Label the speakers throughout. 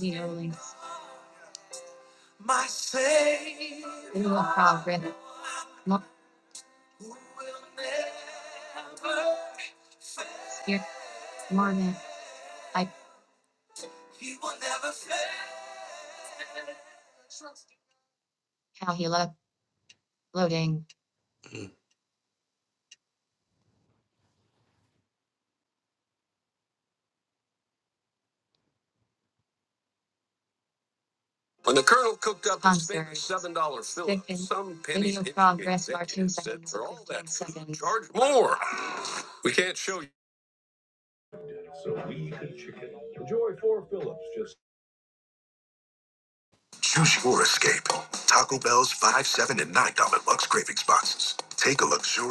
Speaker 1: Dealing. Red. Lock. Here. Morning. I. Calcula. Loading. When the colonel cooked up his favorite seven dollar film, some pennies video progress bar two seconds. For all that food, seconds. charge more. We can't show you.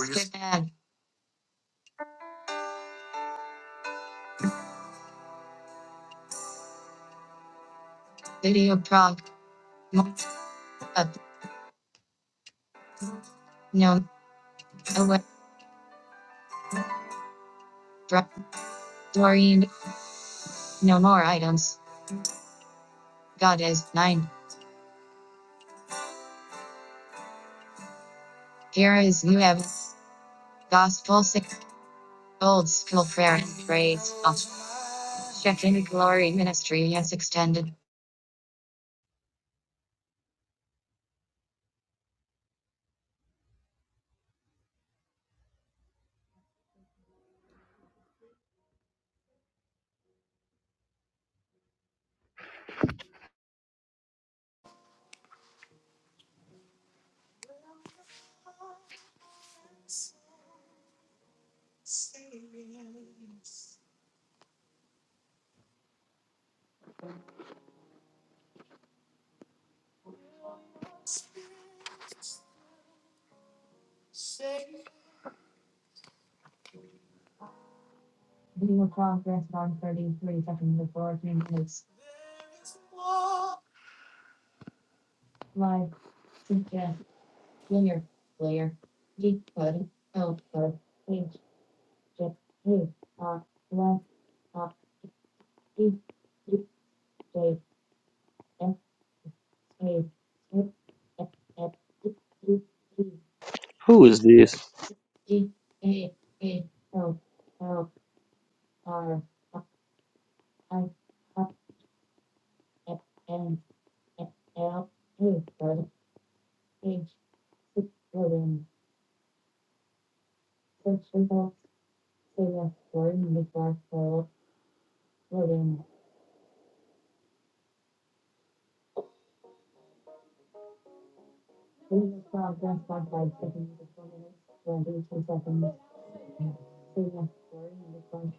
Speaker 1: Skip ad. Video prog. Up. No. Away. Dra- Doreen. No more items. God is nine. Here is new ev. Gospel six. Old school prayer and praise. Off. Check glory ministry has extended. Meeting will call for one thirty-three, second the board meeting is live. Suggest Junior, player. Geek, Bud, L, Bud, H, J, P, R, Left, R, D, D, J, F, A, F, F, F, D, D, D,
Speaker 2: Who is this?
Speaker 1: C, D, A, A, L, L, R, I, Up. F, N, F, L, A, Bud, H, Six, Golden, Portugal Taylor Ford, Nicholas Phillips, William. Please respond to response by taking the four minutes, twenty two seconds. Taylor Ford, Nicholas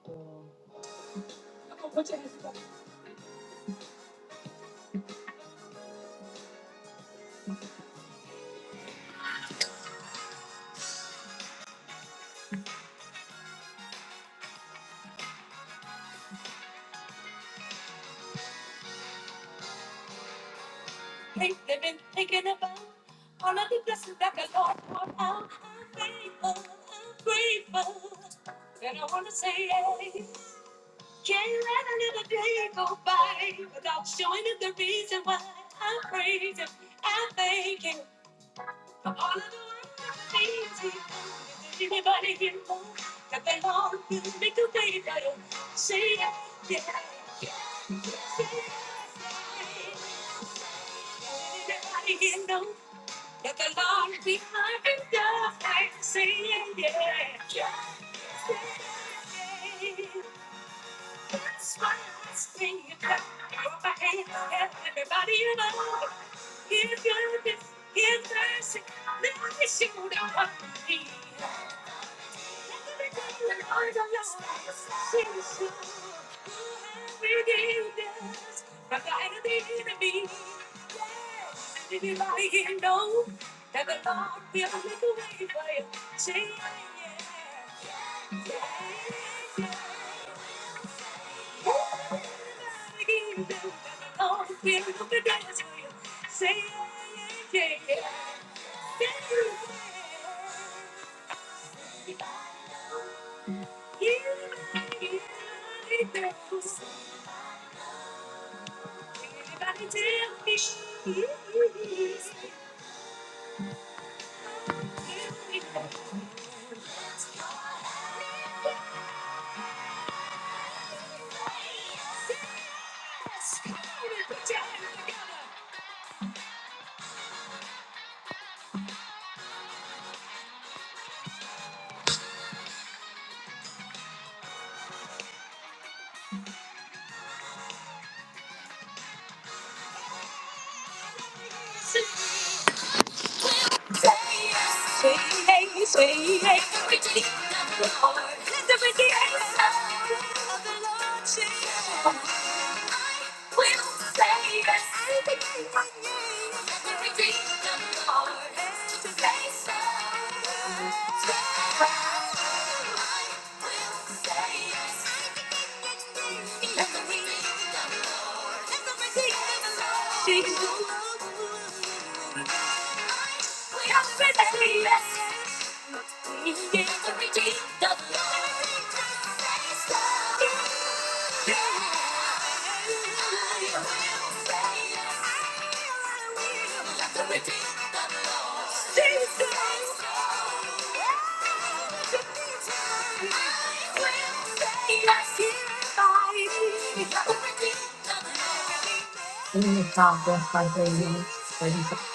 Speaker 1: Phillips. Please respond to response by three minutes, thirty seconds.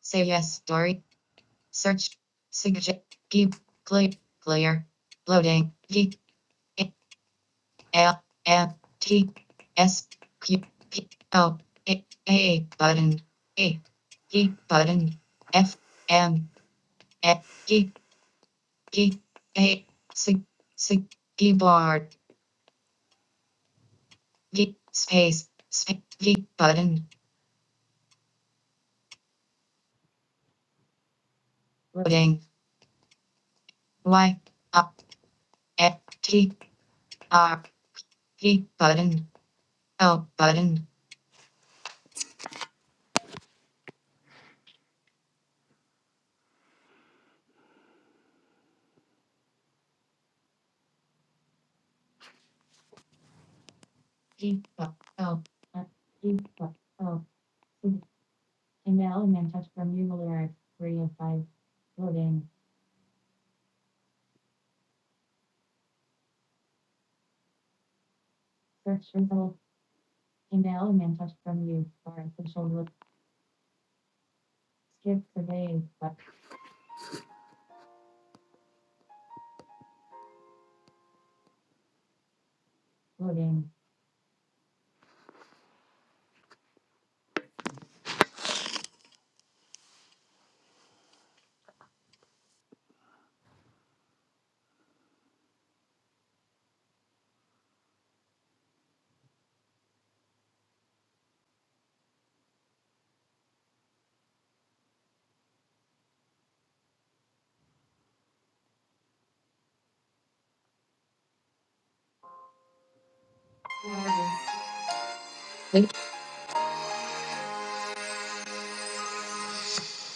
Speaker 1: Say yes, story. Search. Suggest. Keep. Play. Player. Loading. G. I- L. M. T. S. Q. P. O. A. A. Button. A. E. Button. F. M. E. E. G A sig sig keyboard G space space G button loading Y up F T R G button L button G bu- L R G bu- in the element touch from you lyric three and five loading search result in the element touch from you for official look skip survey but loading.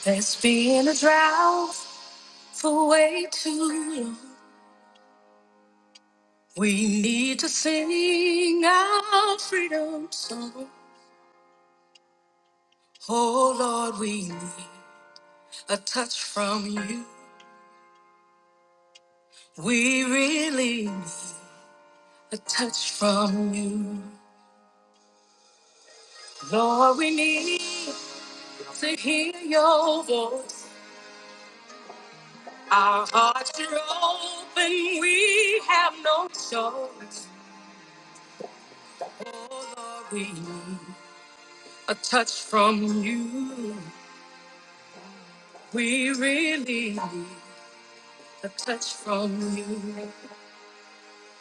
Speaker 1: There's been a drought for way too long. We need to sing our freedom song. Oh Lord, we need a touch from you. We really need a touch from you. Lord, we need to hear your voice. Our hearts are open, we have no choice. Oh Lord, we need a touch from you. We really need A touch from you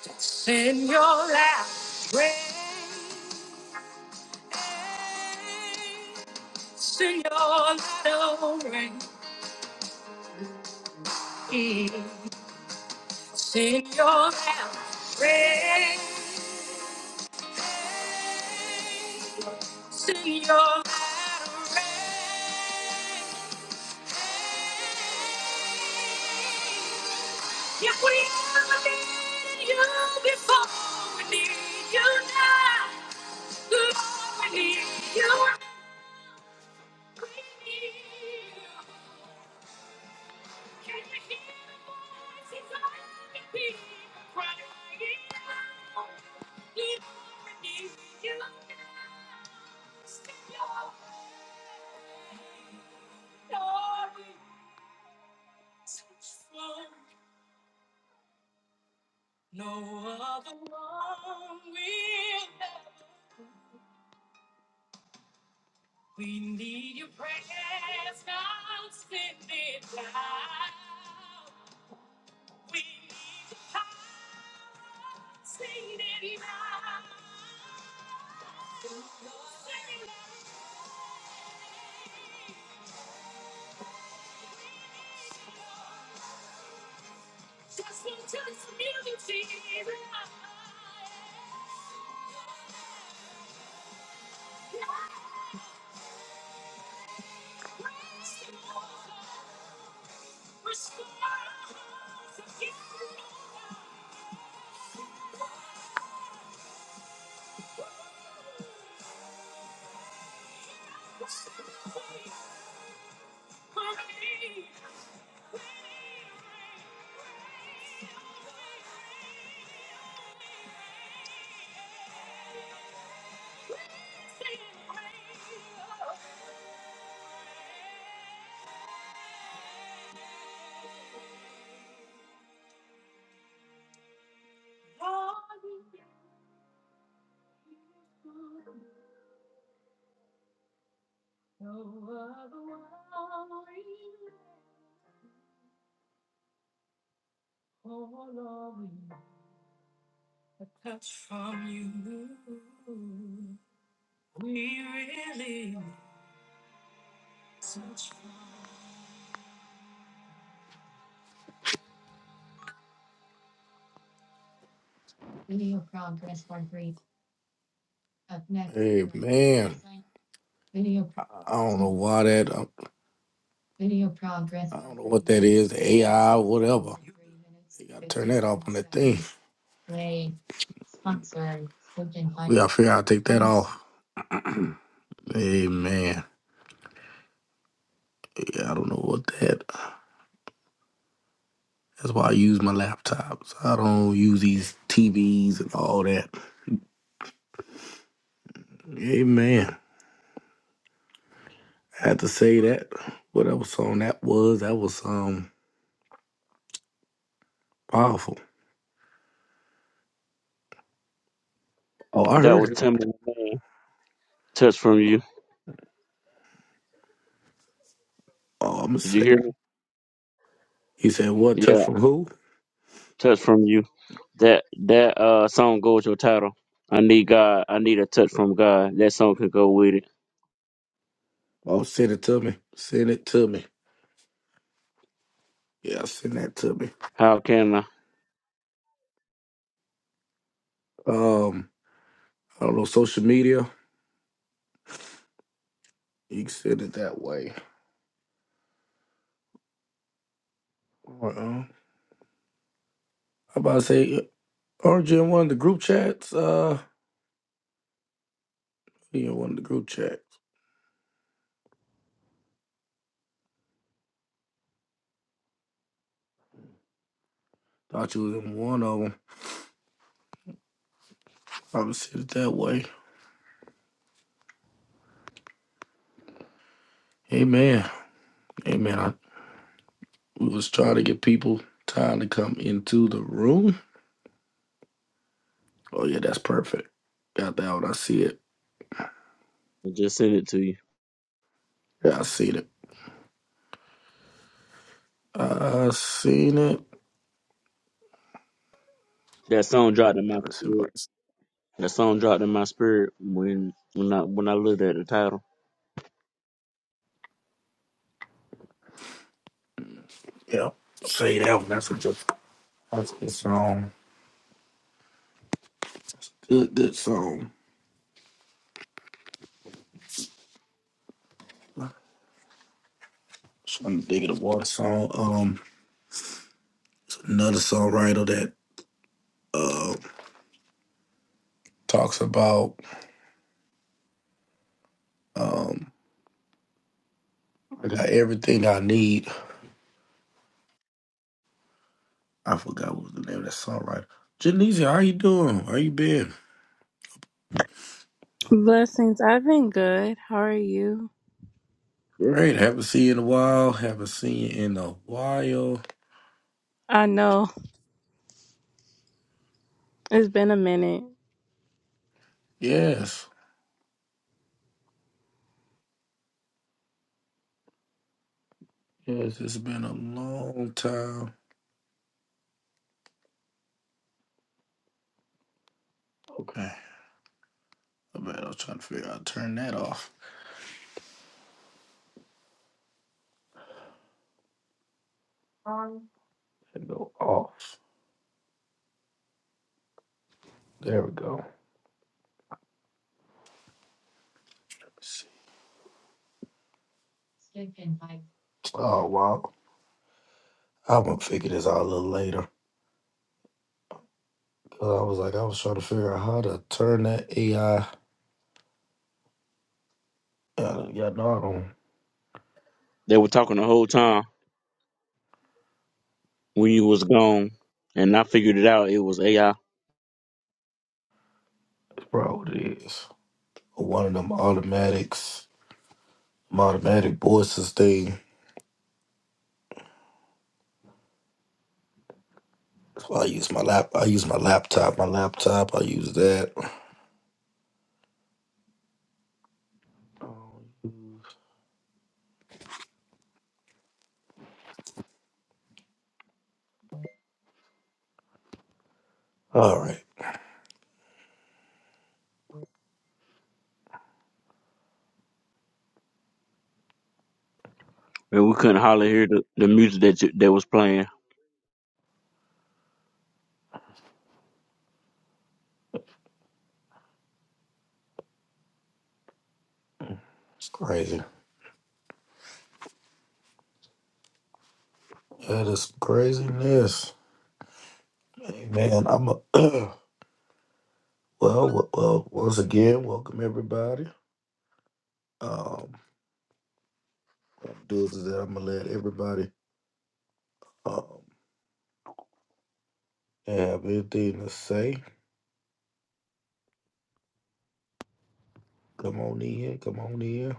Speaker 1: that's in your lap. Grace in your little rain. It's in your lap. Grace in your lap. rain. If we ever need you before we need you now. We We need need a touch from you. We really need a touch from you. really progress, for three. Up next. Hey man, Video. I I don't know why that. Video progress. I don't know what that is, AI, whatever. You gotta turn that off on that thing. Play sponsor. We gotta figure out how to take that Yes. off. Amen. Yeah, I don't know what that. That's why I use my laptops. I don't use these TVs and all that. Amen. I had to say that. Whatever song that was, that was um powerful. Oh, I
Speaker 2: That was
Speaker 1: heard it.
Speaker 2: Timberland. Touch from you.
Speaker 1: Oh, I'ma
Speaker 2: Did you
Speaker 1: say
Speaker 2: hear
Speaker 1: it.
Speaker 2: me?
Speaker 1: He said, "What touch
Speaker 2: Yeah,
Speaker 1: from who?"
Speaker 2: touch from you. That that uh song goes with your title. I need God. I need a touch from God. That song could go with it.
Speaker 1: Oh, send it to me. Send it to me. Yeah, send that to me.
Speaker 2: How can I?
Speaker 1: Um, I don't know social media. You can send it that way. Or um, I'm about to say, aren't you in one of the group chats? Uh, you in one of the group chats? Thought you was in one of them. I would send it that way. Amen. Amen. I we was trying to get people time to come into the room. Oh yeah, that's perfect. Got that one. I see it.
Speaker 2: I just send it to you.
Speaker 1: Yeah, I seen it. I seen it.
Speaker 2: That song dropped in
Speaker 1: Yeah,
Speaker 2: my
Speaker 1: let's
Speaker 2: spirit.
Speaker 1: invite.
Speaker 2: That song dropped in my spirit when when I when I looked at the title.
Speaker 1: Yeah, say that one. That's a good. That's a good song. Good, good song. Trying to dig of the water song. Um, another songwriter that uh talks about um I got everything I need. I forgot what was the name of that songwriter. Janice, how you doing? How you been?
Speaker 3: Blessings. I've been good. How are you?
Speaker 1: Great. Haven't seen you in a while. Haven't seen you in a while.
Speaker 3: I know it's been a minute.
Speaker 1: Yes. Yes, it's been a long time. Okay. I bet I was trying to figure out how to turn that off. And go off. There we go. Let's see. Oh wow. I'm gonna figure this out a little later. 'Cause I was like, I was trying to figure out how to turn that AI. Uh, y'all know I don't.
Speaker 2: They were talking the whole time when you was gone, and I figured it out. It was AI,
Speaker 1: It's probably what it is. One of them automatics, my automatic voices thing. So I use my lap. I use my laptop. My laptop. I use that. All right,
Speaker 2: and we couldn't hardly hear the, the music that you, that was playing.
Speaker 1: it's crazy. That is craziness. Hey, man, I'm a well, well, well. Once again, welcome everybody. Um, what I'm gonna do is that I'm gonna let everybody. um, They Have anything to say? Come on in. Come on in.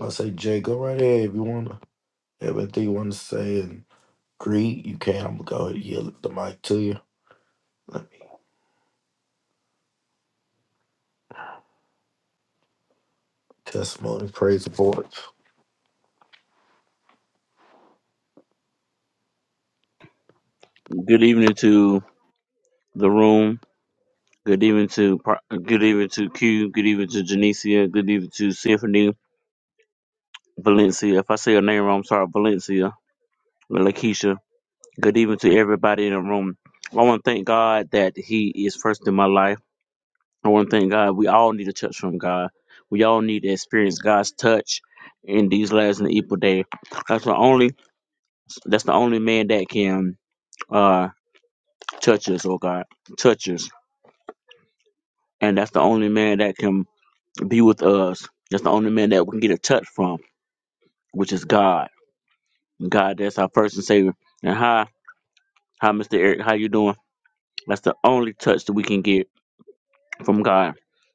Speaker 1: I say, Jay, go right ahead if you wanna. everything you wanna say and greet, you can. I'm gonna go ahead and yield the mic to you. Let me testimony, praise the Lord.
Speaker 2: Good evening to the room. Good evening to Pro- good evening to Q. Good evening to Janicia. Good evening to Symphony Valencia. If I say your name wrong, I'm sorry, Valencia. Lakeisha. Good evening to everybody in the room. I want to thank God that He is first in my life. I want to thank God. We all need a touch from God. We all need to experience God's touch in these last and evil day. That's the only. That's the only man that can uh touch us, oh God, touch us, and that's the only man that can be with us. That's the only man that we can get a touch from, which is God. God, that's our first and savior. And hi, hi, Mr. Eric, how you doing? That's the only touch that we can get from God,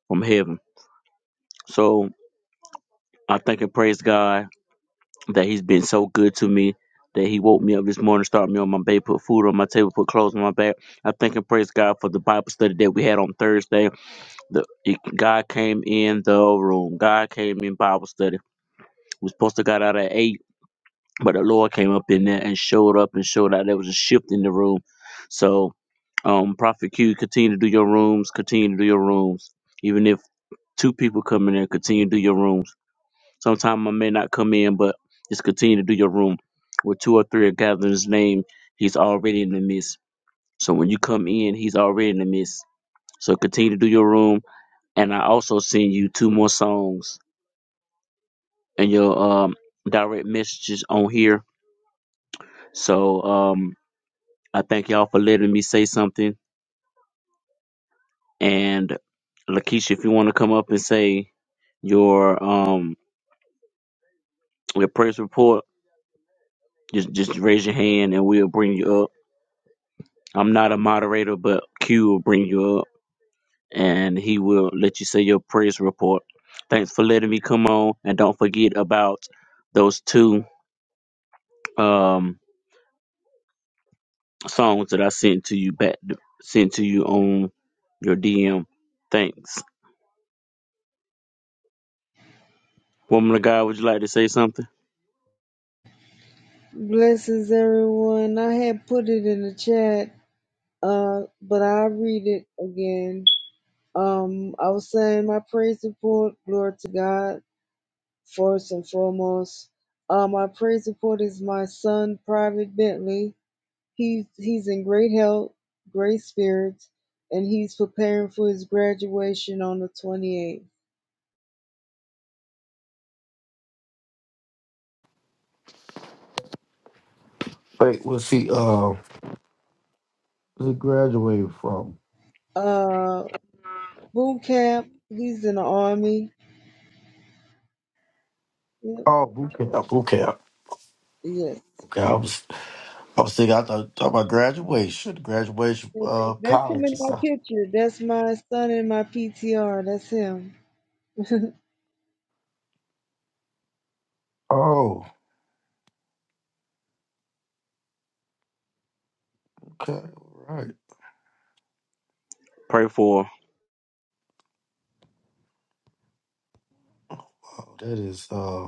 Speaker 2: from heaven. So I thank and praise God that He's been so good to me. That he woke me up this morning, started me on my bed, put food on my table, put clothes on my back. I thank and praise God for the Bible study that we had on Thursday. The it, God came in the room. God came in Bible study. We supposed to got out at eight. But the Lord came up in there and showed up and showed out there was a shift in the room. So, um, Prophet Q, continue to do your rooms, continue to do your rooms. Even if two people come in there, continue to do your rooms. Sometimes I may not come in, but just continue to do your room. With two or three are gathered in his name, he's already in the midst. So when you come in, he's already in the midst. So continue to do your room. And I also send you two more songs and your um direct messages on here. So um I thank y'all for letting me say something. And Lakeisha, if you want to come up and say your um your press report, just just raise your hand and we'll bring you up. I'm not a moderator, but Q will bring you up and he will let you say your press report. Thanks for letting me come on and don't forget about those two um songs that I sent to you back sent to you on your DM. Thanks. Woman of God, would you like to say something?
Speaker 4: Blessings, everyone. I had put it in the chat, uh, but I'll read it again. Um, I was saying my praise report, glory to God, first and foremost. Uh, my praise report is my son, Private Bentley. He's he's in great health, great spirits, and he's preparing for his graduation on the 28th.
Speaker 1: Wait, what's he? Um, what's he graduated from?
Speaker 4: Uh, boot camp. He's in the army. Yep.
Speaker 1: Oh, boot camp. Boot camp.
Speaker 4: Yes.
Speaker 1: Okay, I was, I was thinking. I thought talking about graduation, graduation,
Speaker 4: That's
Speaker 1: uh,
Speaker 4: him
Speaker 1: college.
Speaker 4: in
Speaker 1: and
Speaker 4: my
Speaker 1: stuff.
Speaker 4: picture. That's my son in my PTR. That's him.
Speaker 1: Oh, okay, all right.
Speaker 2: Pray for.
Speaker 1: Wow, that is. Uh,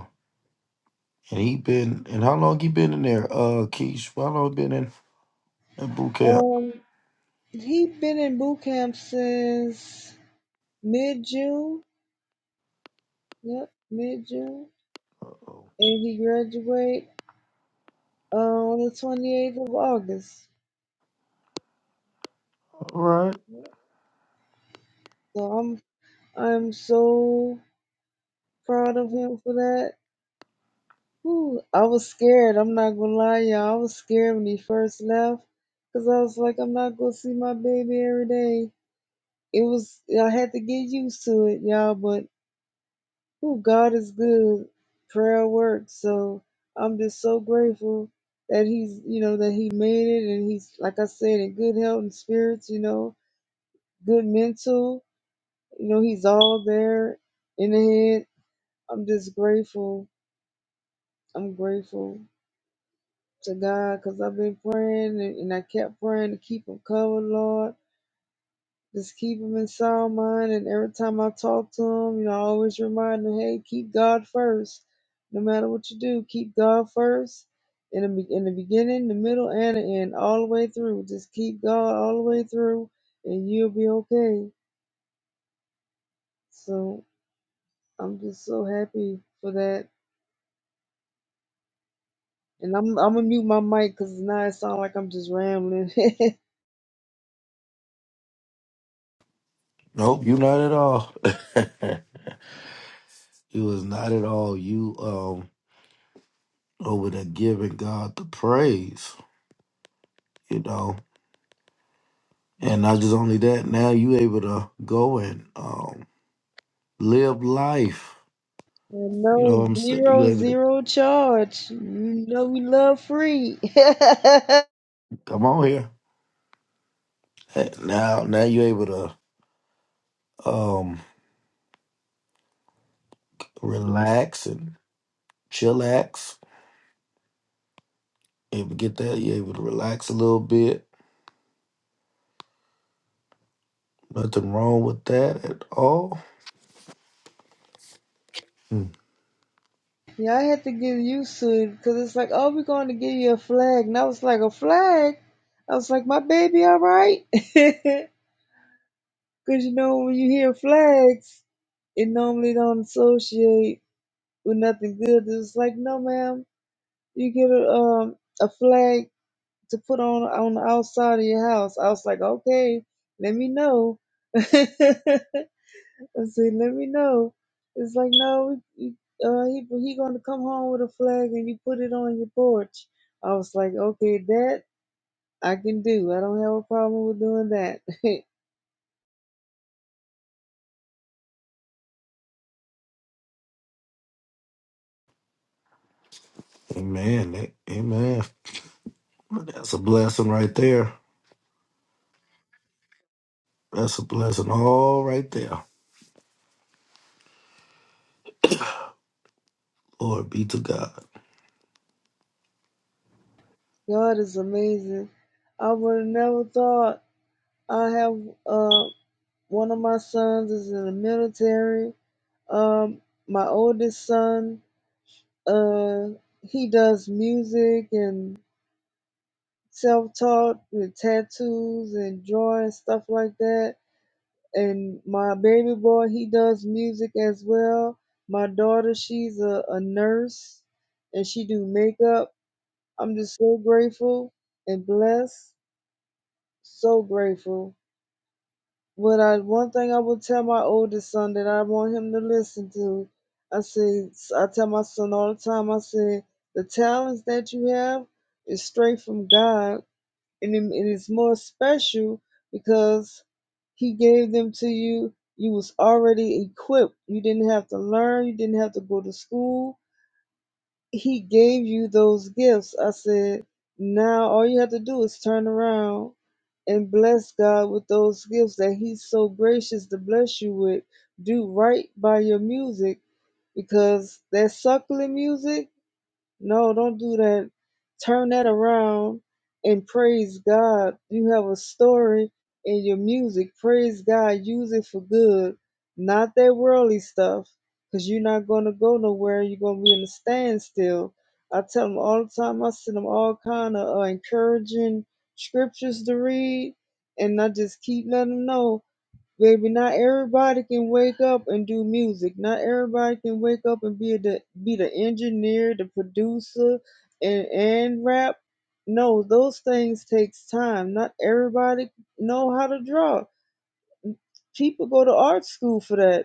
Speaker 1: and he been and how long he been in there? Uh, Keish, how long been in? And boot camp.
Speaker 4: um, he been in boot camp since mid June. Yep, mid June,
Speaker 1: All
Speaker 4: and he graduate uh, on the twenty eighth of August.
Speaker 1: right.
Speaker 4: Yep. So I'm I'm so proud of him for that. Whew, I was scared. I'm not gonna lie, y'all. I was scared when he first left, cause I was like, I'm not gonna see my baby every day. it was I had to get used to it, y'all. But oh, God is good. Prayer works. So I'm just so grateful that he's, you know, that he made it, and he's like I said, in good health and spirits. You know, good mental. You know, he's all there in the head. I'm just grateful. I'm grateful to God because I've been praying and, and I kept praying to keep him covered, Lord. Just keep him in sound mind. And every time I talk to him, you know, I always remind him, hey, keep God first. No matter what you do, keep God first. In the, be- in the beginning, the middle, and the end, all the way through. Just keep God all the way through, and you'll be okay. So I'm just so happy for that. And I'm I'm gonna mute my mic because now it sounds like I'm just rambling. and
Speaker 1: Nope, you not at all. you was not at all. You um over there giving God the praise, you know. And not just only that, now you able to go and um live life. You know what
Speaker 4: no
Speaker 1: I'm saying? You
Speaker 4: zero
Speaker 1: able to
Speaker 4: zero charge. You know we love free.
Speaker 1: come on here. Hey, Now now you able to um relax and chillax. Able to get that, you able to relax a little bit. Nothing wrong with that at all.
Speaker 4: Yeah, I had to get used to it because it's like, oh, we're going to give you a flag. And I was like, a flag? I was like, my baby, all right? Because, you know, when you hear flags, it normally don't associate with nothing good. It's like, no, ma'am, you get a, um, a flag to put on, on the outside of your house. I was like, okay, let me know. I said, let me know. It's like, no, you- uh, he he gonna come home with a flag and you put it on your porch. I was like, okay, that I can do. I don't have a problem with doing that.
Speaker 1: Amen. A- Amen. That's a blessing right there. That's a blessing all right there. Lord be to God.
Speaker 4: God is amazing. I would have never thought I have uh one of my sons is in the military. Um, my oldest son, uh, he does music and self-taught with tattoos and drawing stuff like that and my baby boy he does music as well my daughter she's a, a nurse and she do makeup i'm just so grateful and blessed so grateful but i one thing i would tell my oldest son that i want him to listen to i say i tell my son all the time i say the talents that you have is straight from god and it it is more special because he gave them to you you was already equipped you didn't have to learn you didn't have to go to school he gave you those gifts i said now all you have to do is turn around and bless god with those gifts that he's so gracious to bless you with do right by your music because that suckling music no, don't do that. Turn that around and praise God. You have a story in your music. Praise God. Use it for good, not that worldly stuff, because you're not going to go nowhere. You're going to be in a standstill. I tell them all the time, I send them all kind of uh, encouraging scriptures to read, and I just keep letting them know. Baby, not everybody can wake up and do music. Not everybody can wake up and be the be the engineer, the producer, and and rap. No, those things takes time. Not everybody know how to draw. People go to art school for that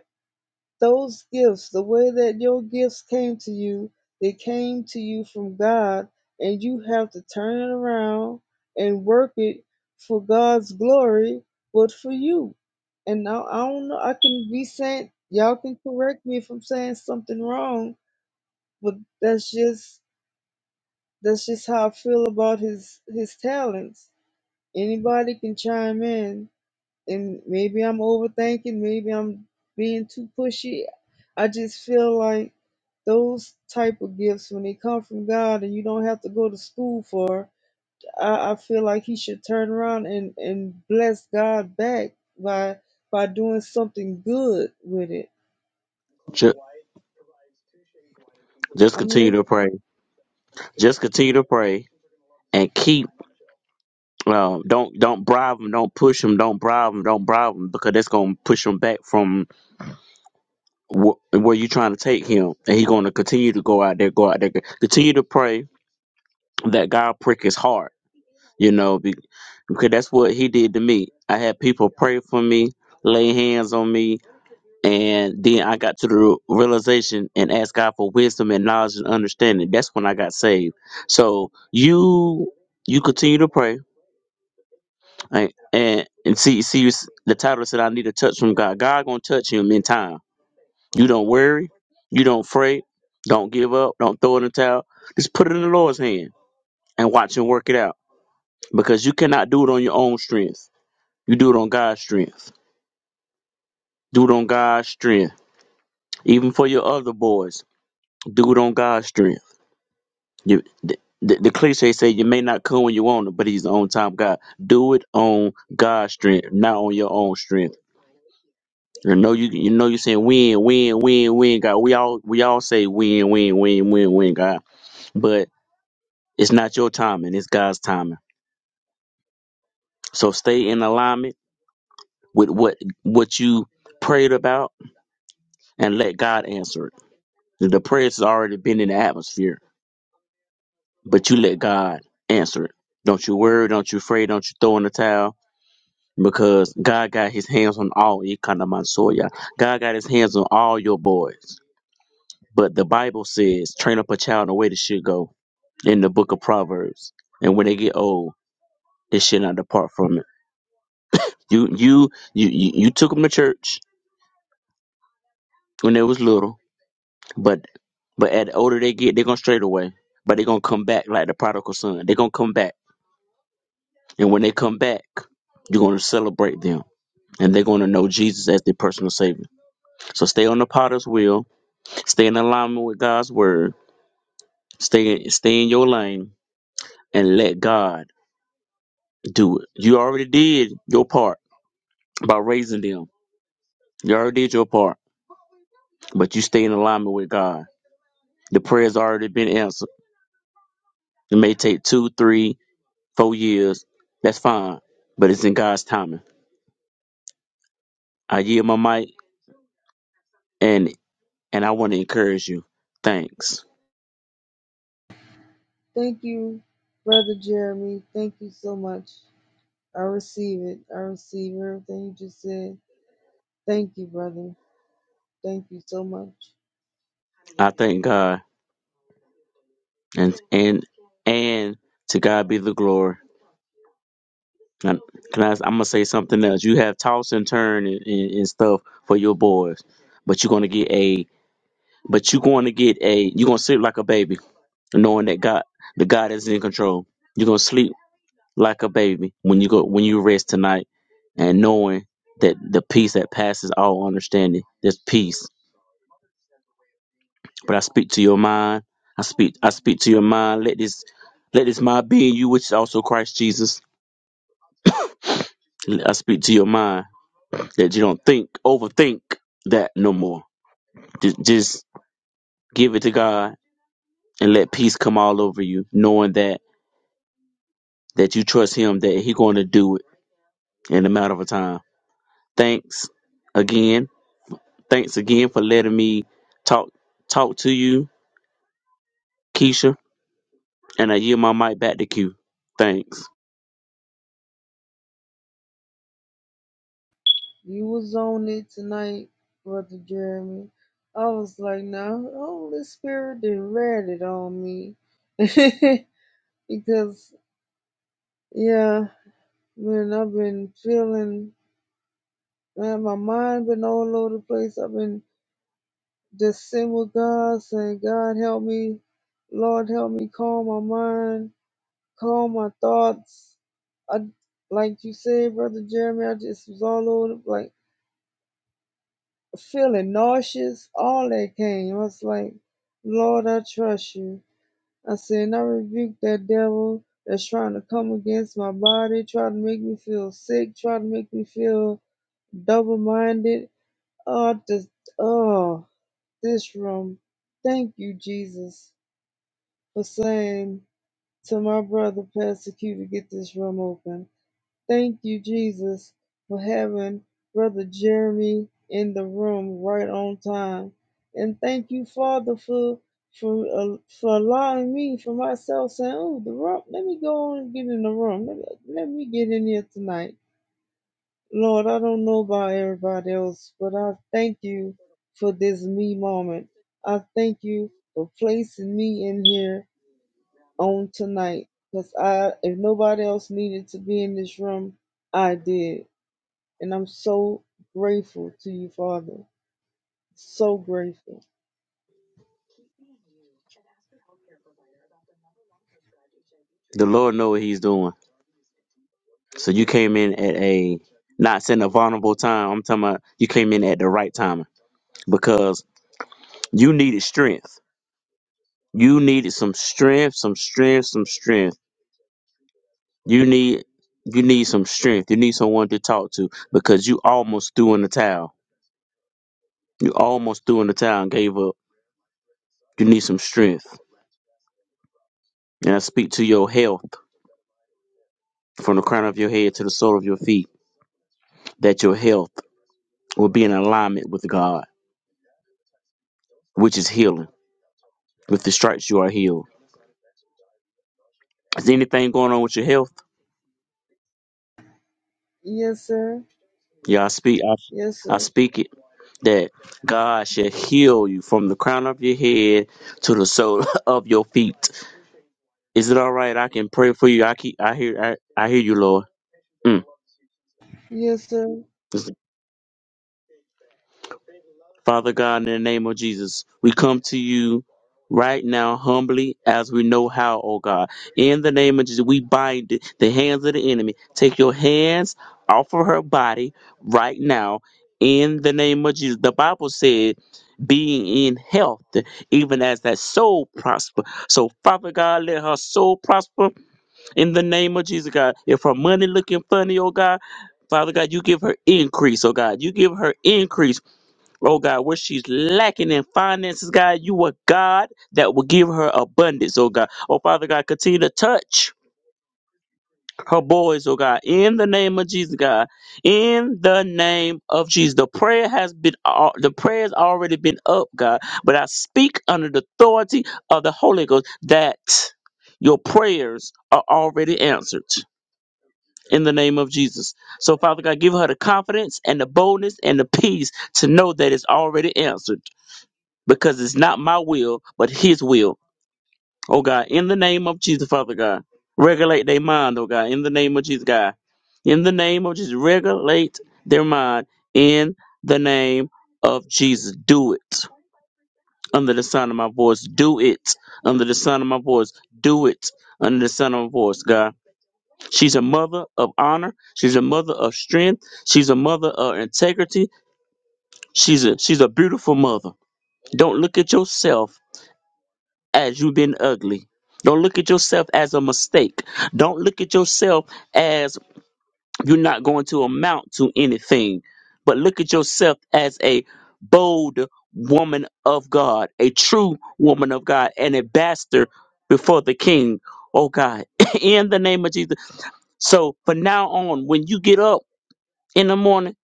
Speaker 4: those gifts, the way that your gifts came to you, they came to you from God, and you have to turn it around and work it for God's glory, but for you. And I, I don't know, I can be saying, y'all can correct me if I'm saying something wrong, but that's just that's just how I feel about his his talents. Anybody can chime in, and maybe I'm overthinking, maybe I'm being too pushy. I just feel like those type of gifts when they come from God and you don't have to go to school for. I, I feel like he should turn around and, and bless God back by by doing something good with it.
Speaker 2: Just, just
Speaker 4: I'm
Speaker 2: continue to pray.
Speaker 4: listening.
Speaker 2: Just continue to pray and keep. Um, don't don't bribe them. Don't push them. Don't bribe them. Don't bribe them because that's gonna push him back from wh- where you're trying to take him, and he's gonna continue to go out there, go out there. Continue to pray that God prick his heart. You know, be, because that's what he did to me. I had people pray for me, lay hands on me. And then I got to the realization and asked God for wisdom and knowledge and understanding. That's when I got saved. So you you continue to pray right? and and see see you, s- the title said I need a touch from God. God gonna touch him in time. You don't worry, you don't fret, don't give up, don't throw in the towel. Just put it in the Lord's hand and watch him work it out because you cannot do it on your own strength. You do it on God's strength. Do it on God's strength. Even for your other boys, do it on God's strength You, the, the, the cliche say you may not come when you want it, but he's the on time God. Do it on God's strength, not on your own strength. You know you you know you saying win, win, win, win, God. We all we all say win, win, win, win, win, God. But it's not your timing, it's God's timing. So stay in alignment with what what you prayed about and let God answer it. The the prayers has already been in the atmosphere, but you let God answer it. Don't you worry, don't you afraid, don't you throw in the towel because God got his hands on all Ikanamansoya. God got his hands on all your boys. But the Bible says, train up a child in the way they should go in the book of Proverbs. And when they get old, they should not depart from it. You you you you, you took them to church when they was little, but but at the older they get, they're gonna straight away. But they're gonna come back like the prodigal son. They're gonna come back. And when they come back, you're gonna celebrate them. And they're gonna know Jesus as their personal savior. So stay on the potter's wheel Stay in alignment with God's word. Stay stay in your lane and let God do it. You already did your part by raising them. You already did your part, but you stay in alignment with God. The prayer's already been answered. It may take two, three, four years. That's fine, but it's in God's timing. I yield my mic and and I want to encourage you. Thanks.
Speaker 4: Thank you, Brother Jeremy. Thank you so much. I receive it. I receive everything you just said. Thank you, brother. Thank you so much.
Speaker 2: I thank God and and and to God be the glory. Can can I, I'm gonna say something else. You have toss and turn and, and, and stuff for your boys, but you're gonna get a, but you're going to get a, you're gonna sleep like a baby, knowing that God, the God is in control. You're gonna sleep like a baby when you go when you rest tonight, and knowing that the peace that passes all understanding, there's peace. But I speak to your mind. I speak. I speak to your mind. Let this, let this mind be in you, which is also Christ Jesus. I speak to your mind that you don't think overthink that no more. Just just give it to God and let peace come all over you, knowing that that you trust Him that He going to do it in a matter of time. Thanks again. Thanks again for letting me talk talk to you, Keisha, and I yield my mic back to Q. Thanks.
Speaker 4: You was on it tonight, Brother Jeremy. I was like, no, Holy Spirit didn't read it on me. because, yeah, man, I've been feeling, man, my mind been all over the place. I've been just sitting with God, saying, God, help me. Lord, help me calm my mind, calm my thoughts. I, like you said, Brother Jeremy, I just was all over, the- like, feeling nauseous, all that came. I was like, Lord, I trust you. I said, and I rebuke that devil that's trying to come against my body, try to make me feel sick, try to make me feel double minded. Oh, just, oh, this room. Thank you, Jesus, for saying to my brother, Pastor Q, to get this room open. Thank you, Jesus, for having Brother Jeremy in the room right on time. And thank you, Father, for for uh, for allowing me for myself saying, "Oh, the room. Let me go on and get in the room. Let, me, let me get in here tonight." Lord, I don't know about everybody else, but I thank you for this me moment. I thank you for placing me in here on tonight, because I, if nobody else needed to be in this room, I did. And I'm so grateful to you, Father. So grateful.
Speaker 2: The Lord know what He's doing. So you came in at a not saying a vulnerable time. I'm talking about you came in at the right time because you needed strength You needed some strength, some strength, some strength. You need you need some strength. You need someone to talk to because you almost threw in the towel. You almost threw in the towel and gave up. You need some strength. And I speak to your health from the crown of your head to the sole of your feet, that your health will be in alignment with God, which is healing. With the stripes you are healed. Is anything going on with your health?
Speaker 4: Yes, sir.
Speaker 2: Yeah, I speak
Speaker 4: Yes,
Speaker 2: I, I
Speaker 4: sir.
Speaker 2: speak it that God shall heal you from the crown of your head to the sole of your feet. Is it all right? I can pray for you. I keep. I hear. I, I hear you, Lord. Mm.
Speaker 4: Yes, sir.
Speaker 2: Father God, in the name of Jesus, we come to you right now humbly as we know how, oh God. In the name of Jesus, we bind the hands of the enemy. Take your hands off of her body right now. In the name of Jesus. The Bible said, being in health, even as that soul prosper. So, Father God, let her soul prosper in the name of Jesus, God. If her money looking funny, oh God, Father God, you give her increase, oh God. You give her increase Oh God, where she's lacking in finances, God, you are God that will give her abundance, oh God. Oh Father God, continue to touch her boys, oh God, in the name of Jesus, God. In the name of Jesus. The prayer has been al- the prayer has already been up, God. But I speak under the authority of the Holy Ghost that your prayers are already answered. In the name of Jesus. So, Father God, give her the confidence and the boldness and the peace to know that it's already answered because it's not my will, but His will. Oh God, in the name of Jesus, Father God, regulate their mind. Oh God, in the name of Jesus, God, in the name of Jesus, regulate their mind. In the name of Jesus, do it under the sound of my voice. Do it under the sound of my voice. Do it under the sound of my voice, God. She's a mother of honor. She's a mother of strength. She's a mother of integrity. She's a she's a beautiful mother. Don't look at yourself as you being ugly. Don't look at yourself as a mistake. Don't look at yourself as you're not going to amount to anything. But look at yourself as a bold woman of God, a true woman of God, an ambassador before the king. Oh God, in the name of Jesus. So from now on, when you get up in the morning,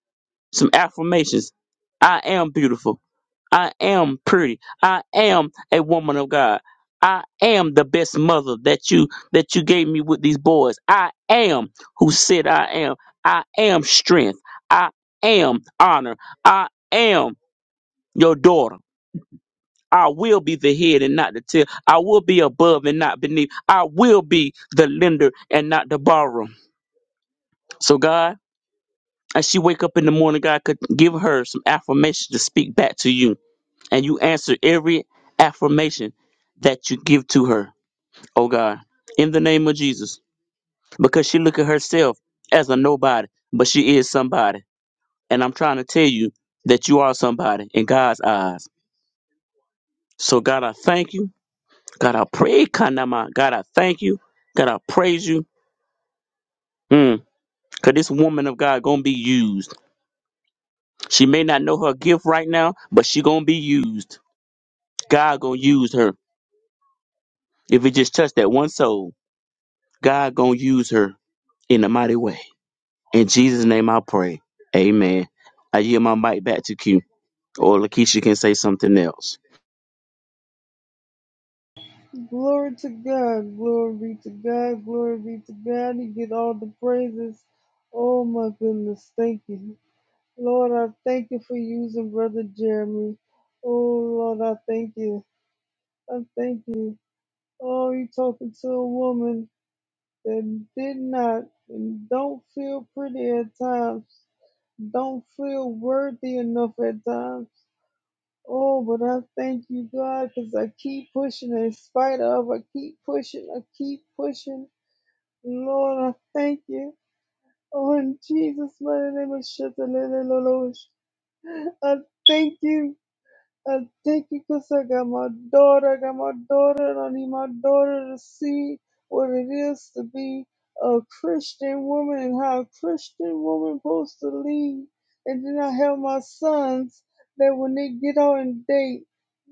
Speaker 2: some affirmations. I am beautiful. I am pretty. I am a woman of God. I am the best mother that you that you gave me with these boys. I am who said I am. I am strength. I am honor. I am your daughter. I will be the head and not the tail. I will be above and not beneath. I will be the lender and not the borrower. So God, as she wake up in the morning, God could give her some affirmation to speak back to you and you answer every affirmation that you give to her, oh God, in the name of Jesus. Because she look at herself as a nobody, but she is somebody. And I'm trying to tell you that you are somebody in God's eyes. So God, I thank you. God, I pray, Kanama. God, I thank you. God, I praise you. Mm, Cause this woman of God gonna be used. She may not know her gift right now, but she gonna be used. God gonna use her. If it just touch that one soul, God gonna use her. in a mighty way. In Jesus' name I pray. Amen. I yield my mic back to Q. Or Lakeisha can say something else.
Speaker 4: Glory to God. Glory be to God. Glory be to God. He get all the praises. Oh my goodness. Thank you. Lord, I thank you for using Brother Jeremy. Oh Lord, I thank you. I thank you. Oh, you talking to a woman that did not and don't feel pretty at times don't feel worthy enough at times. Oh, but I thank you, God, because I keep pushing in spite of. I keep pushing. I keep pushing. Lord, I thank you. Oh, in Jesus' mighty name, I shut the lid Lord. I thank you. I thank you because I got my daughter. I got my daughter, and I need my daughter to see what it is to be a Christian woman and how a Christian woman supposed to lead. And then I have my sons that when they get out and date,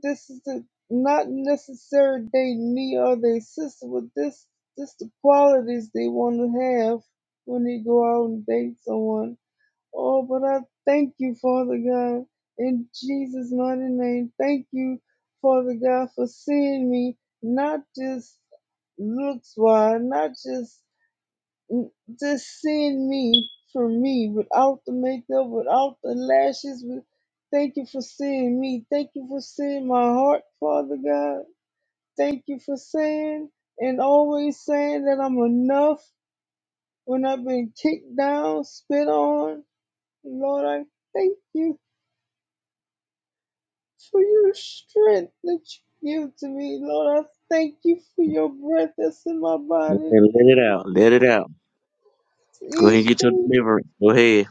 Speaker 4: this is the not necessary dating me or their sister, but this this the qualities they want to have when they go out and date someone. Oh, but I thank you, Father God, in Jesus' mighty name. Thank you, Father God, for seeing me, not just looks wise, not just just seeing me for me, without the makeup, without the lashes. With, thank you for seeing me. Thank you for seeing my heart, Father God. Thank you for saying and always saying that I'm enough when I've been kicked down, spit on. Lord, I thank you for your strength that you give to me, Lord. I thank you for your breath that's in my
Speaker 2: Go ahead
Speaker 4: body.
Speaker 2: and let it out. Let it out. Go ahead and
Speaker 4: Each
Speaker 2: get your
Speaker 4: day,
Speaker 2: delivery. Go ahead.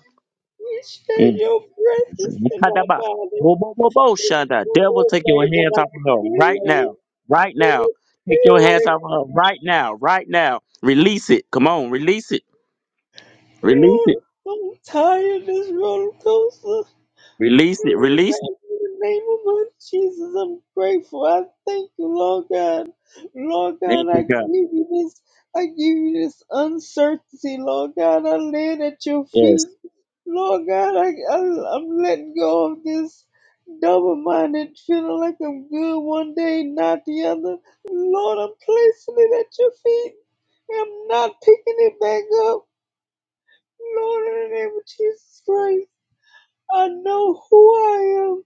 Speaker 4: each day
Speaker 2: Mm.
Speaker 4: your breath is in my
Speaker 2: Kadaba.
Speaker 4: body.
Speaker 2: Bo, bo, bo, bo,
Speaker 4: It's
Speaker 2: Shonda.
Speaker 4: no
Speaker 2: Devil, take your
Speaker 4: way
Speaker 2: hands
Speaker 4: that I
Speaker 2: off
Speaker 4: can
Speaker 2: of her
Speaker 4: get
Speaker 2: right
Speaker 4: away.
Speaker 2: now. Right now. Take your hands
Speaker 4: Anyway,
Speaker 2: off of her right now. Right now. Release it. Come on. Release it. Release
Speaker 4: Lord,
Speaker 2: it.
Speaker 4: I'm tired of this roller coaster.
Speaker 2: Release it.
Speaker 4: In
Speaker 2: Release it.
Speaker 4: the name of Lord Jesus, I'm grateful. I thank you, Lord God. Lord God,
Speaker 2: Thank
Speaker 4: I
Speaker 2: you, God.
Speaker 4: give you this. I give you this uncertainty, Lord God. I lay it at your
Speaker 2: Yes.
Speaker 4: feet. Lord God, I, I, I'm letting go of this double-minded feeling like I'm good one day, not the other. Lord, I'm placing it at your feet. I'm not picking it back up. Lord, in the name of Jesus Christ, I know who I am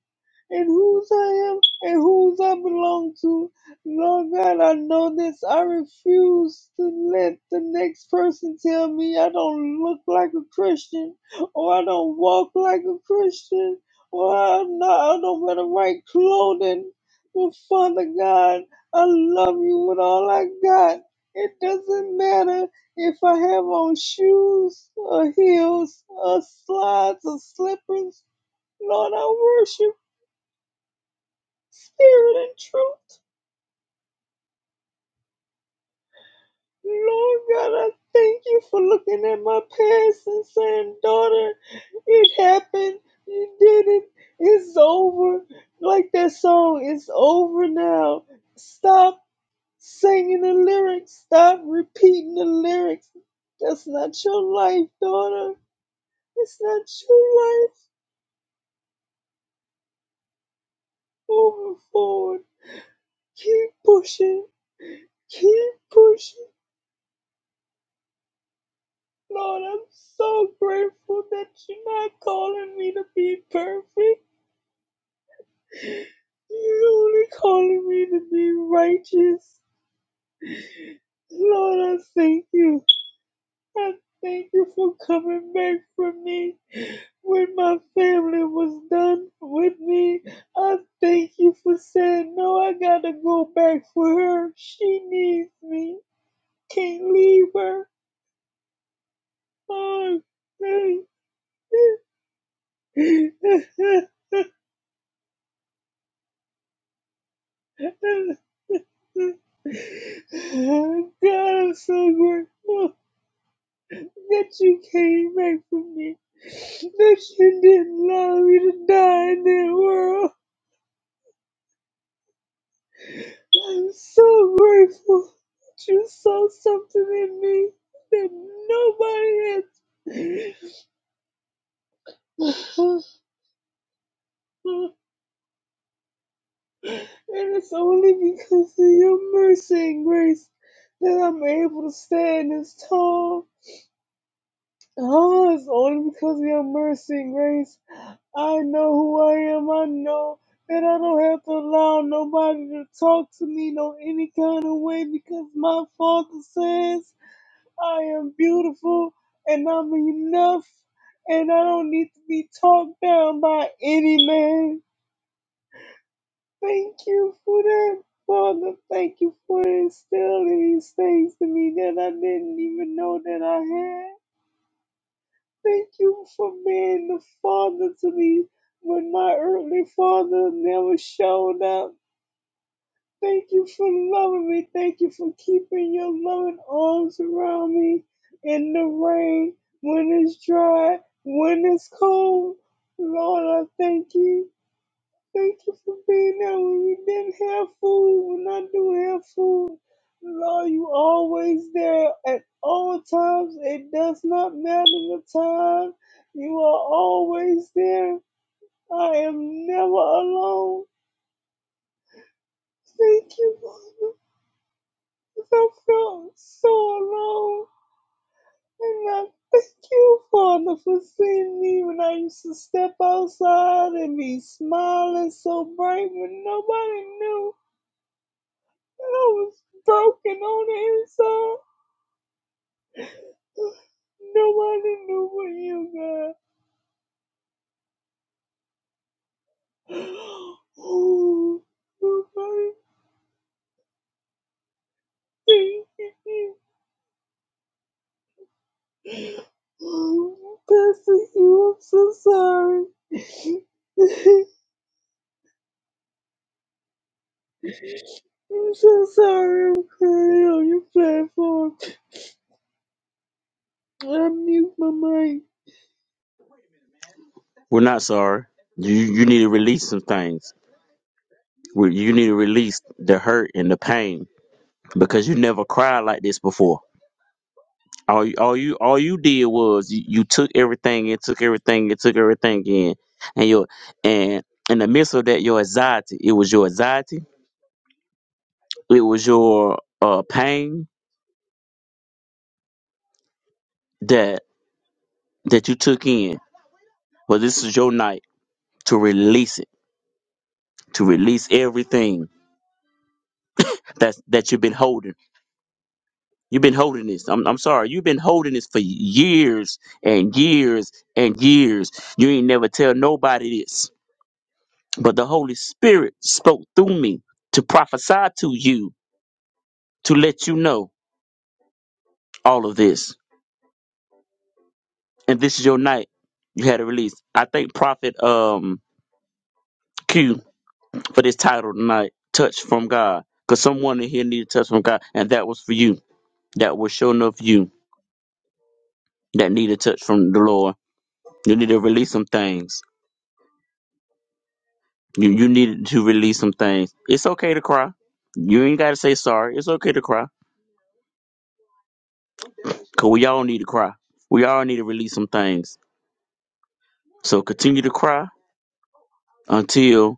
Speaker 4: and whose I am and whose I belong to. Lord God, I know this. I refuse to let the next person tell me I don't look like a Christian or I don't walk like a Christian or I'm not, I don't wear the right clothing. But Father God, I love you with all I got. It doesn't matter if I have on shoes or heels or slides or slippers. Lord, I worship Spirit and truth. Lord God, I thank you for looking at my past and saying, daughter, it happened. You did it. It's over. Like that song, it's over now. Stop singing the lyrics. Stop repeating the lyrics. That's not your life, daughter. It's not your life. Moving forward. Keep pushing. Keep pushing. Lord, I'm so grateful that you're not calling me to be perfect. You're only calling me to be righteous. Lord, I thank you. I thank you for coming back for me when my family was done with me. I thank you for saying, No, I gotta go back for her. She needs me. Can't leave her. Oh, hey. Oh, God, I'm so grateful that you came back for me. That you didn't allow me to die in that world. I'm so grateful that you saw something in me that nobody else. and it's only because of your mercy and grace that I'm able to stand this tall. Oh, it's only because of your mercy and grace I know who I am. I know that I don't have to allow nobody to talk to me no any kind of way because my father says I am beautiful and I'm enough and I don't need to be talked down by any man. Thank you for that, Father. Thank you for instilling these things to me that I didn't even know that I had. Thank you for being the father to me when my earthly father never showed up. Thank you for loving me. Thank you for keeping your loving arms around me in the rain, when it's dry, when it's cold. Lord, I thank you. Thank you for being there when we didn't have food, when I do have food. Lord, you always there at all times. It does not matter the time. You are always there. I am never alone. Thank you, Father. 'cause I felt so alone. And I thank you, Father, for seeing me when I used to step outside and be smiling so bright when nobody knew. I was broken on the inside. Nobody knew what you got. Ooh, nobody thank you. Oh, Pastor, you, I'm so sorry. I'm so sorry I'm crying on your platform. I mute my mic.
Speaker 2: We're not sorry. You, you need to release some things. Well, You need to release the hurt and the pain because you never cried like this before. All you, all you, all you did was you, you took everything and took everything and took everything in, and your and in the midst of that, your anxiety. It was your anxiety. It was your uh, pain that that you took in. Well, this is your night to release it, to release everything that's that you've been holding. You've been holding this. I'm, I'm sorry. You've been holding this for years and years and years. You ain't never tell nobody this. But the Holy Spirit spoke through me to prophesy to you to let you know all of this. And this is your night. You had a release. I thank Prophet um Q for this title tonight, Touch from God. Because someone in here needed touch from God. And that was for you. That was sure enough you that need a touch from the Lord. You need to release some things You you needed to release some things. It's okay to cry. You ain't gotta say sorry. It's okay to cry. Cause we all need to cry. We all need to release some things. So continue to cry until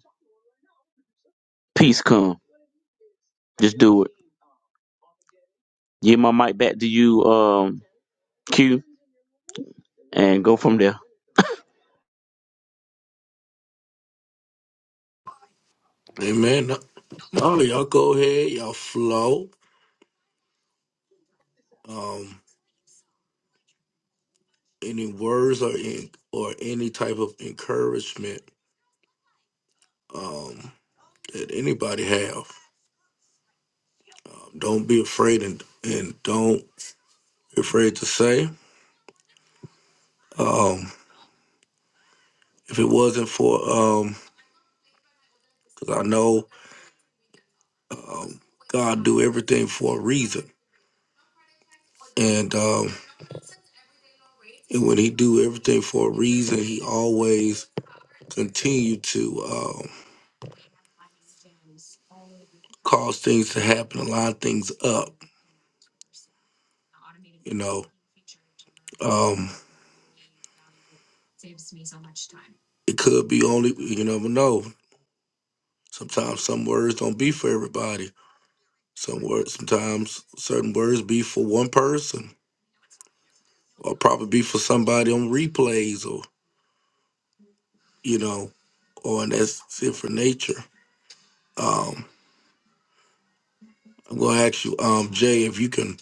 Speaker 2: peace come. Just do it. Give my mic back to you, um, Q, and go from there.
Speaker 1: Amen. No, y'all go ahead, y'all flow. Um, any words or in, or any type of encouragement um, that anybody have, don't be afraid and and don't be afraid to say. Um, if it were for um, 'cause I know God do everything for a reason, and um, And when he do everything for a reason, he always continue to um, cause it to happen a line things up. You know, um, it could be only you never know. Sometimes some words don't be for everybody. Some words, sometimes certain words be for one person, or probably be for somebody on replays, or you know, or and that's it for nature. I'm gonna ask you, um, Jay, if you can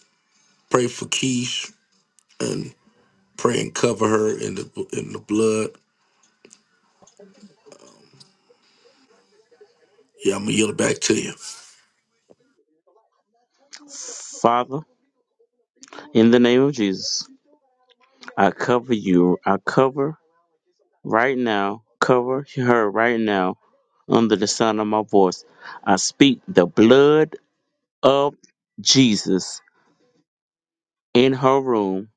Speaker 1: pray for Keish and pray and cover her in the in the blood. Yeah, I'm gonna yield it back to you.
Speaker 2: Father, in the name of Jesus, I cover you. I cover right now. Cover her right now under the sound of my voice. I speak the blood of Jesus In her room,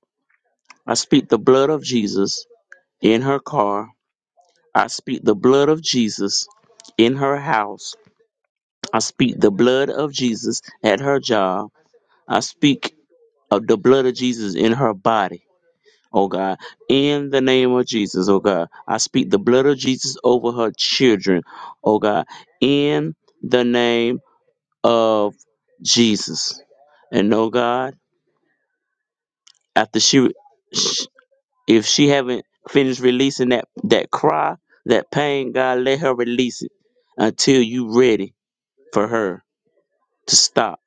Speaker 2: I speak the blood of Jesus. In her car, I speak the blood of Jesus. In her house, I speak the blood of Jesus. At her job, I speak of the blood of Jesus in her body. Oh God, in the name of Jesus, oh God, I speak the blood of Jesus over her children. Oh God, in the name of Jesus. And oh God, after she If she haven't finished releasing that that cry, that pain, God let her release it until you ready for her to stop.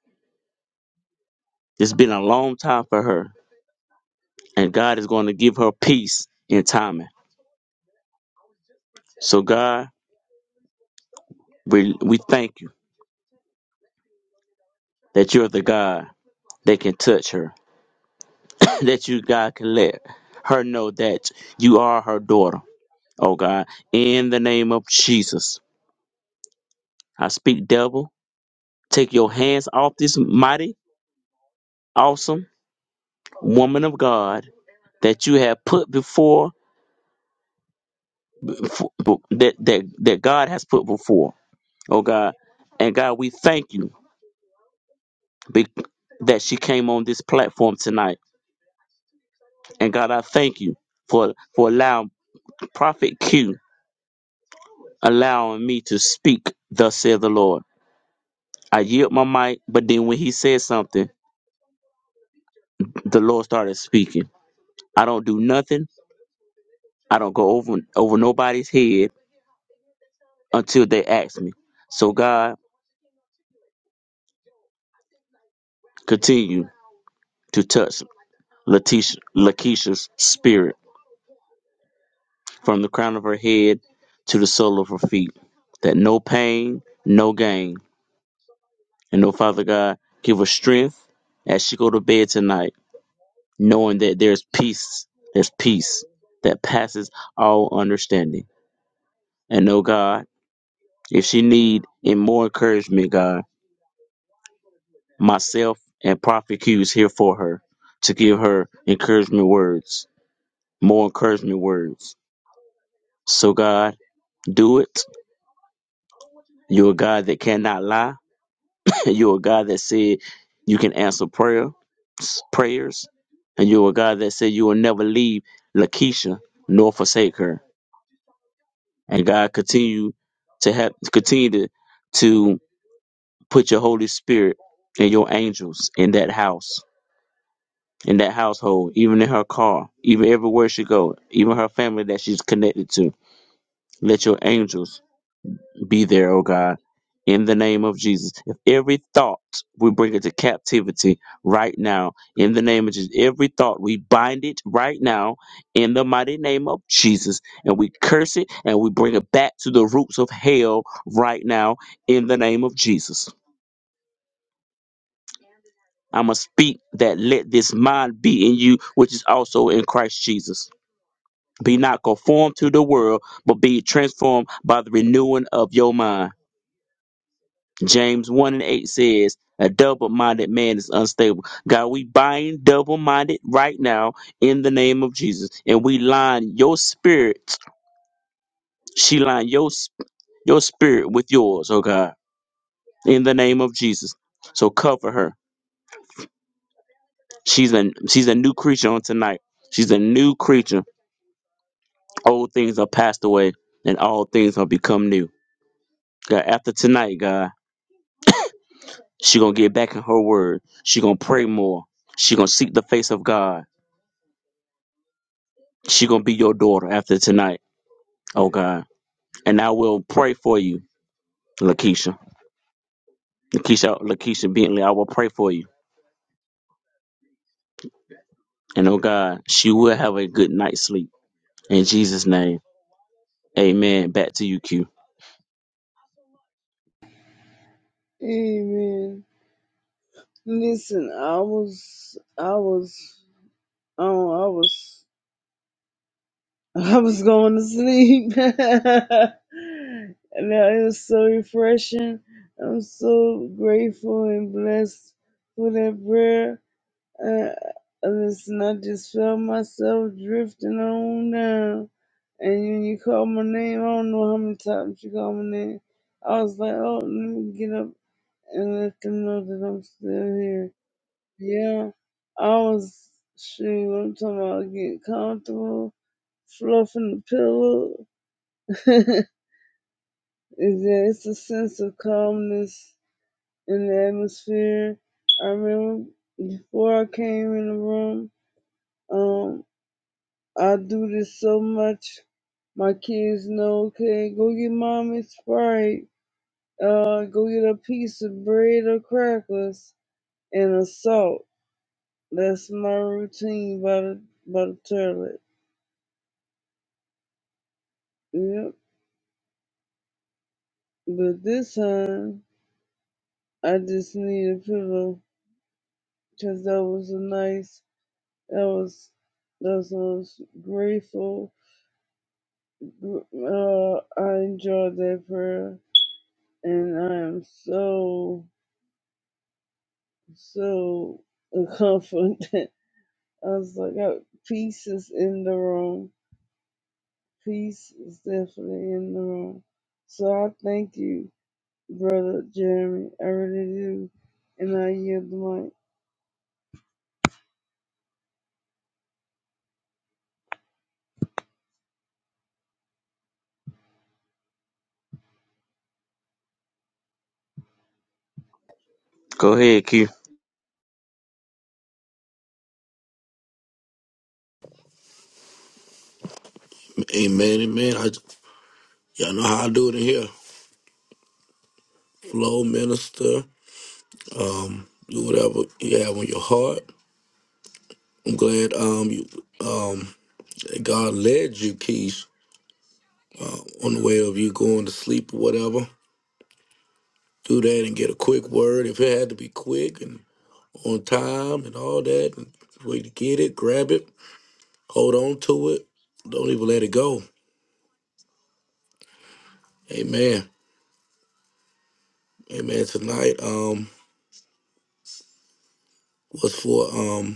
Speaker 2: It's been a long time for her, and God is going to give her peace in timing. So God, we we thank you that you're the God that can touch her, that you God can let her know that you are her daughter. Oh God, in the name of Jesus, I speak devil, take your hands off this mighty, awesome woman of God, that you have put before that that that God has put before. Oh God, and God, we thank you be- that she came on this platform tonight. And God, I thank you for for allowing Prophet Q allowing me to speak. Thus saith the Lord. I yield my mic, but then when he said something, the Lord started speaking. I don't do nothing. I don't go over over nobody's head until they ask me. So God, continue to touch. Latisha, Lakeisha's spirit from the crown of her head to the sole of her feet. That no pain, no gain. And oh, Father God, give her strength as she go to bed tonight, knowing that there's peace, there's peace that passes all understanding. And oh God, if she need and more encouragement, God, myself and Prophet Q is here for her to give her encouragement words, more encouragement words. So God, do it You're a God that cannot lie. You're a God that said you can answer prayer prayers. And you're a God that said you will never leave Lakeisha nor forsake her. And God continue to have continue to, to put your Holy Spirit and your angels in that house, in that household, even in her car, even everywhere she go, even her family that she's connected to. Let your angels Be there, oh God, in the name of Jesus. If every thought we bring it to captivity right now, in the name of Jesus, every thought we bind it right now in the mighty name of Jesus, and we curse it and we bring it back to the roots of hell right now in the name of Jesus. I must speak that let this mind be in you, which is also in Christ Jesus. Be not conformed to the world, but be transformed by the renewing of your mind James 1 and 8 says, A double minded man is unstable. God, we bind double minded right now in the name of Jesus. And we line your spirit, she line your, sp- your spirit with yours, oh God, in the name of Jesus. So cover her. She's a, she's a new creature on tonight. She's a new creature. Old things are passed away and all things are become new. God, after tonight, God, she gonna get back in her word. She gonna pray more. She gonna seek the face of God She gonna be your daughter after tonight. Oh God. And I will pray for you, Lakeisha. Lakeisha Lakeisha Bentley, I will pray for you. And oh God, she will have a good night's sleep. In Jesus' name. Amen. Back to you, Q.
Speaker 4: Amen. Listen, I was, I was, oh, I was I was going to sleep. and that- it was so refreshing. I'm so grateful and blessed for that prayer. Uh, and listen, I just felt myself drifting on down. And when you called my name, I don't know how many times you called my name. I was like, oh, let me get up and let them know that I'm still here. Yeah, I was, shoot, I'm talking about getting comfortable. Fluffing the pillow is that it's a sense of calmness in the atmosphere. I remember before I came in the room, um, I do this so much. My kids know, okay, go get mommy Sprite, uh, go get a piece of bread or crackers and a salt. That's my routine by the, by the toilet. Yep. But this time, I just need a pillow. because that was a nice that was that was, I was grateful uh, i enjoyed that prayer and i am so so confident i was like I, peace is in the room peace is definitely in the room so i thank you brother jeremy i really do and i yield the mic
Speaker 2: Go ahead, Q.
Speaker 1: Amen, amen. I, y'all know how I do it in here. Flow, minister, do whatever you have on your heart. I'm glad um you, that God led you, Keys, on the way of you going to sleep or whatever. Do that and get a quick word. If it had to be quick and time and all that, and way to get it, grab it. Don't even let it go. Amen. Man, tonight um, was for um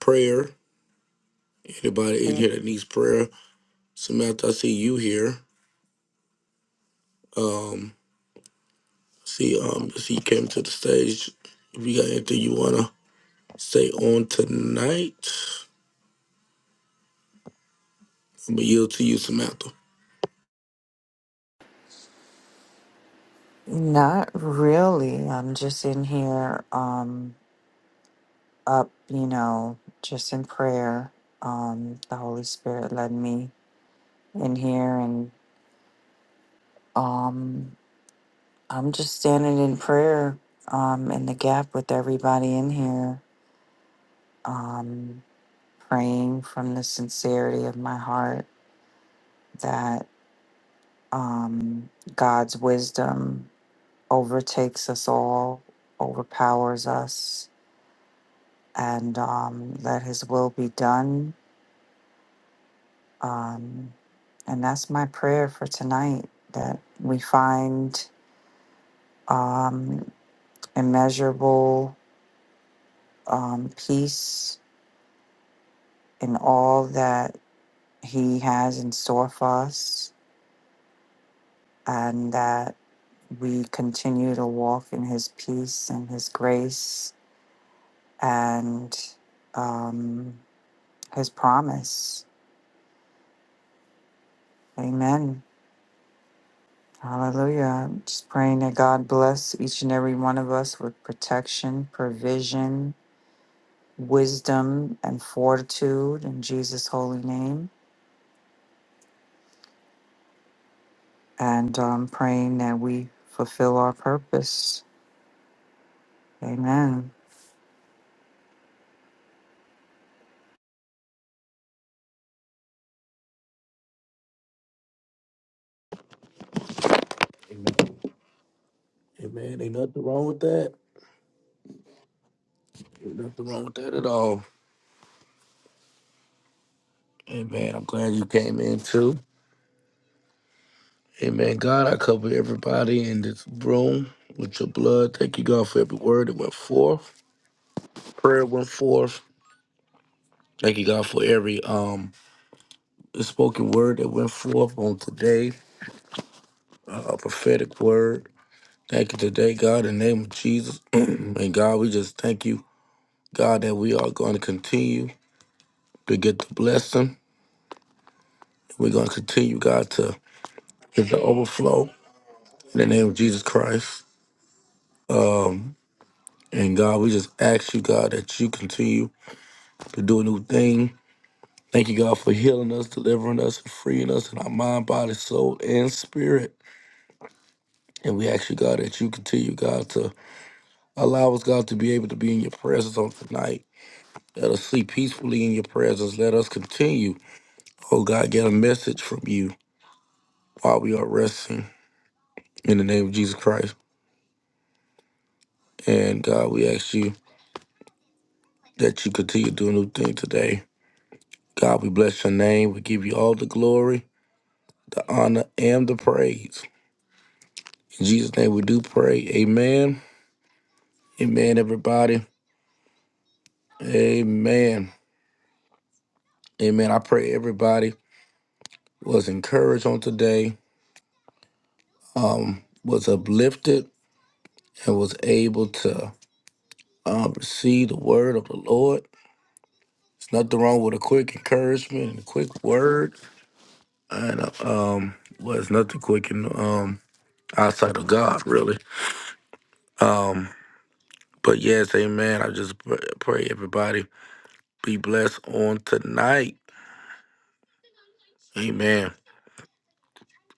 Speaker 1: prayer in here that needs out. I see you. Um, see um, see you came to the stage. If you got anything you wanna Say on tonight. I'm gonna yield to you, Samantha.
Speaker 5: Not really. I'm just in here, um, up, you know, just in prayer. Um, the Holy Spirit led me in here, and um, I'm just standing in prayer, um, in the gap with everybody in here, um, praying from the sincerity of my heart that, um, God's wisdom overtakes us all, overpowers us and um, let his will be done. Um, and that's my prayer for tonight that we find um, immeasurable um, peace in all that he has in store for us, and that we continue to walk in his peace and his grace and um, his promise. Amen. Hallelujah. Just praying that God bless each and every one of us with protection, provision, wisdom, and fortitude in Jesus' holy name. And um, praying that we fulfill our purpose. Amen.
Speaker 1: Hey man, ain't nothing wrong with that. Ain't nothing wrong with that at all. Hey man, I'm glad you came in too. Hey man, God, I cover everybody in this room with your blood. Thank you, God, for every word that went forth. Prayer went forth. Thank you, God, for every um spoken word that went forth on today. Uh, a prophetic word. Thank you today, God, in the name of Jesus. and God, we just thank you, God, that we are going to continue. to get the blessing. We're going to continue, God, to get the overflow in the name of Jesus Christ. And God, we just ask you, God, that you continue to do a new thing. Thank you, God, for healing us, delivering us, and freeing us in our mind, body, soul, and spirit. And we ask you, God, that you continue, God, to allow us, God, to be able to be in your presence on tonight. Let us sleep peacefully in your presence. Let us continue, oh God, get a message from you while we are resting in the name of Jesus Christ. And God, we ask you that you continue to do a new thing today. God, we bless your name. We give you all the glory, the honor, and the praise. In Jesus' name we do pray. Amen. Amen, everybody. Amen. Amen. I pray everybody was encouraged on today, um, was uplifted, and was able to uh, receive the word of the Lord. There's nothing wrong with a quick encouragement and a quick word. And uh, um, well, it's nothing quick and um outside of God, really. Um, But yes, amen. I just pr- pray everybody be blessed on tonight. Amen.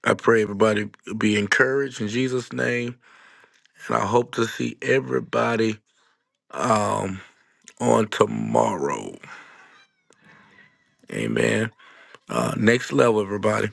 Speaker 1: I pray everybody be encouraged in Jesus' name. And I hope to see everybody um, on tomorrow. Amen. Uh, next level, everybody.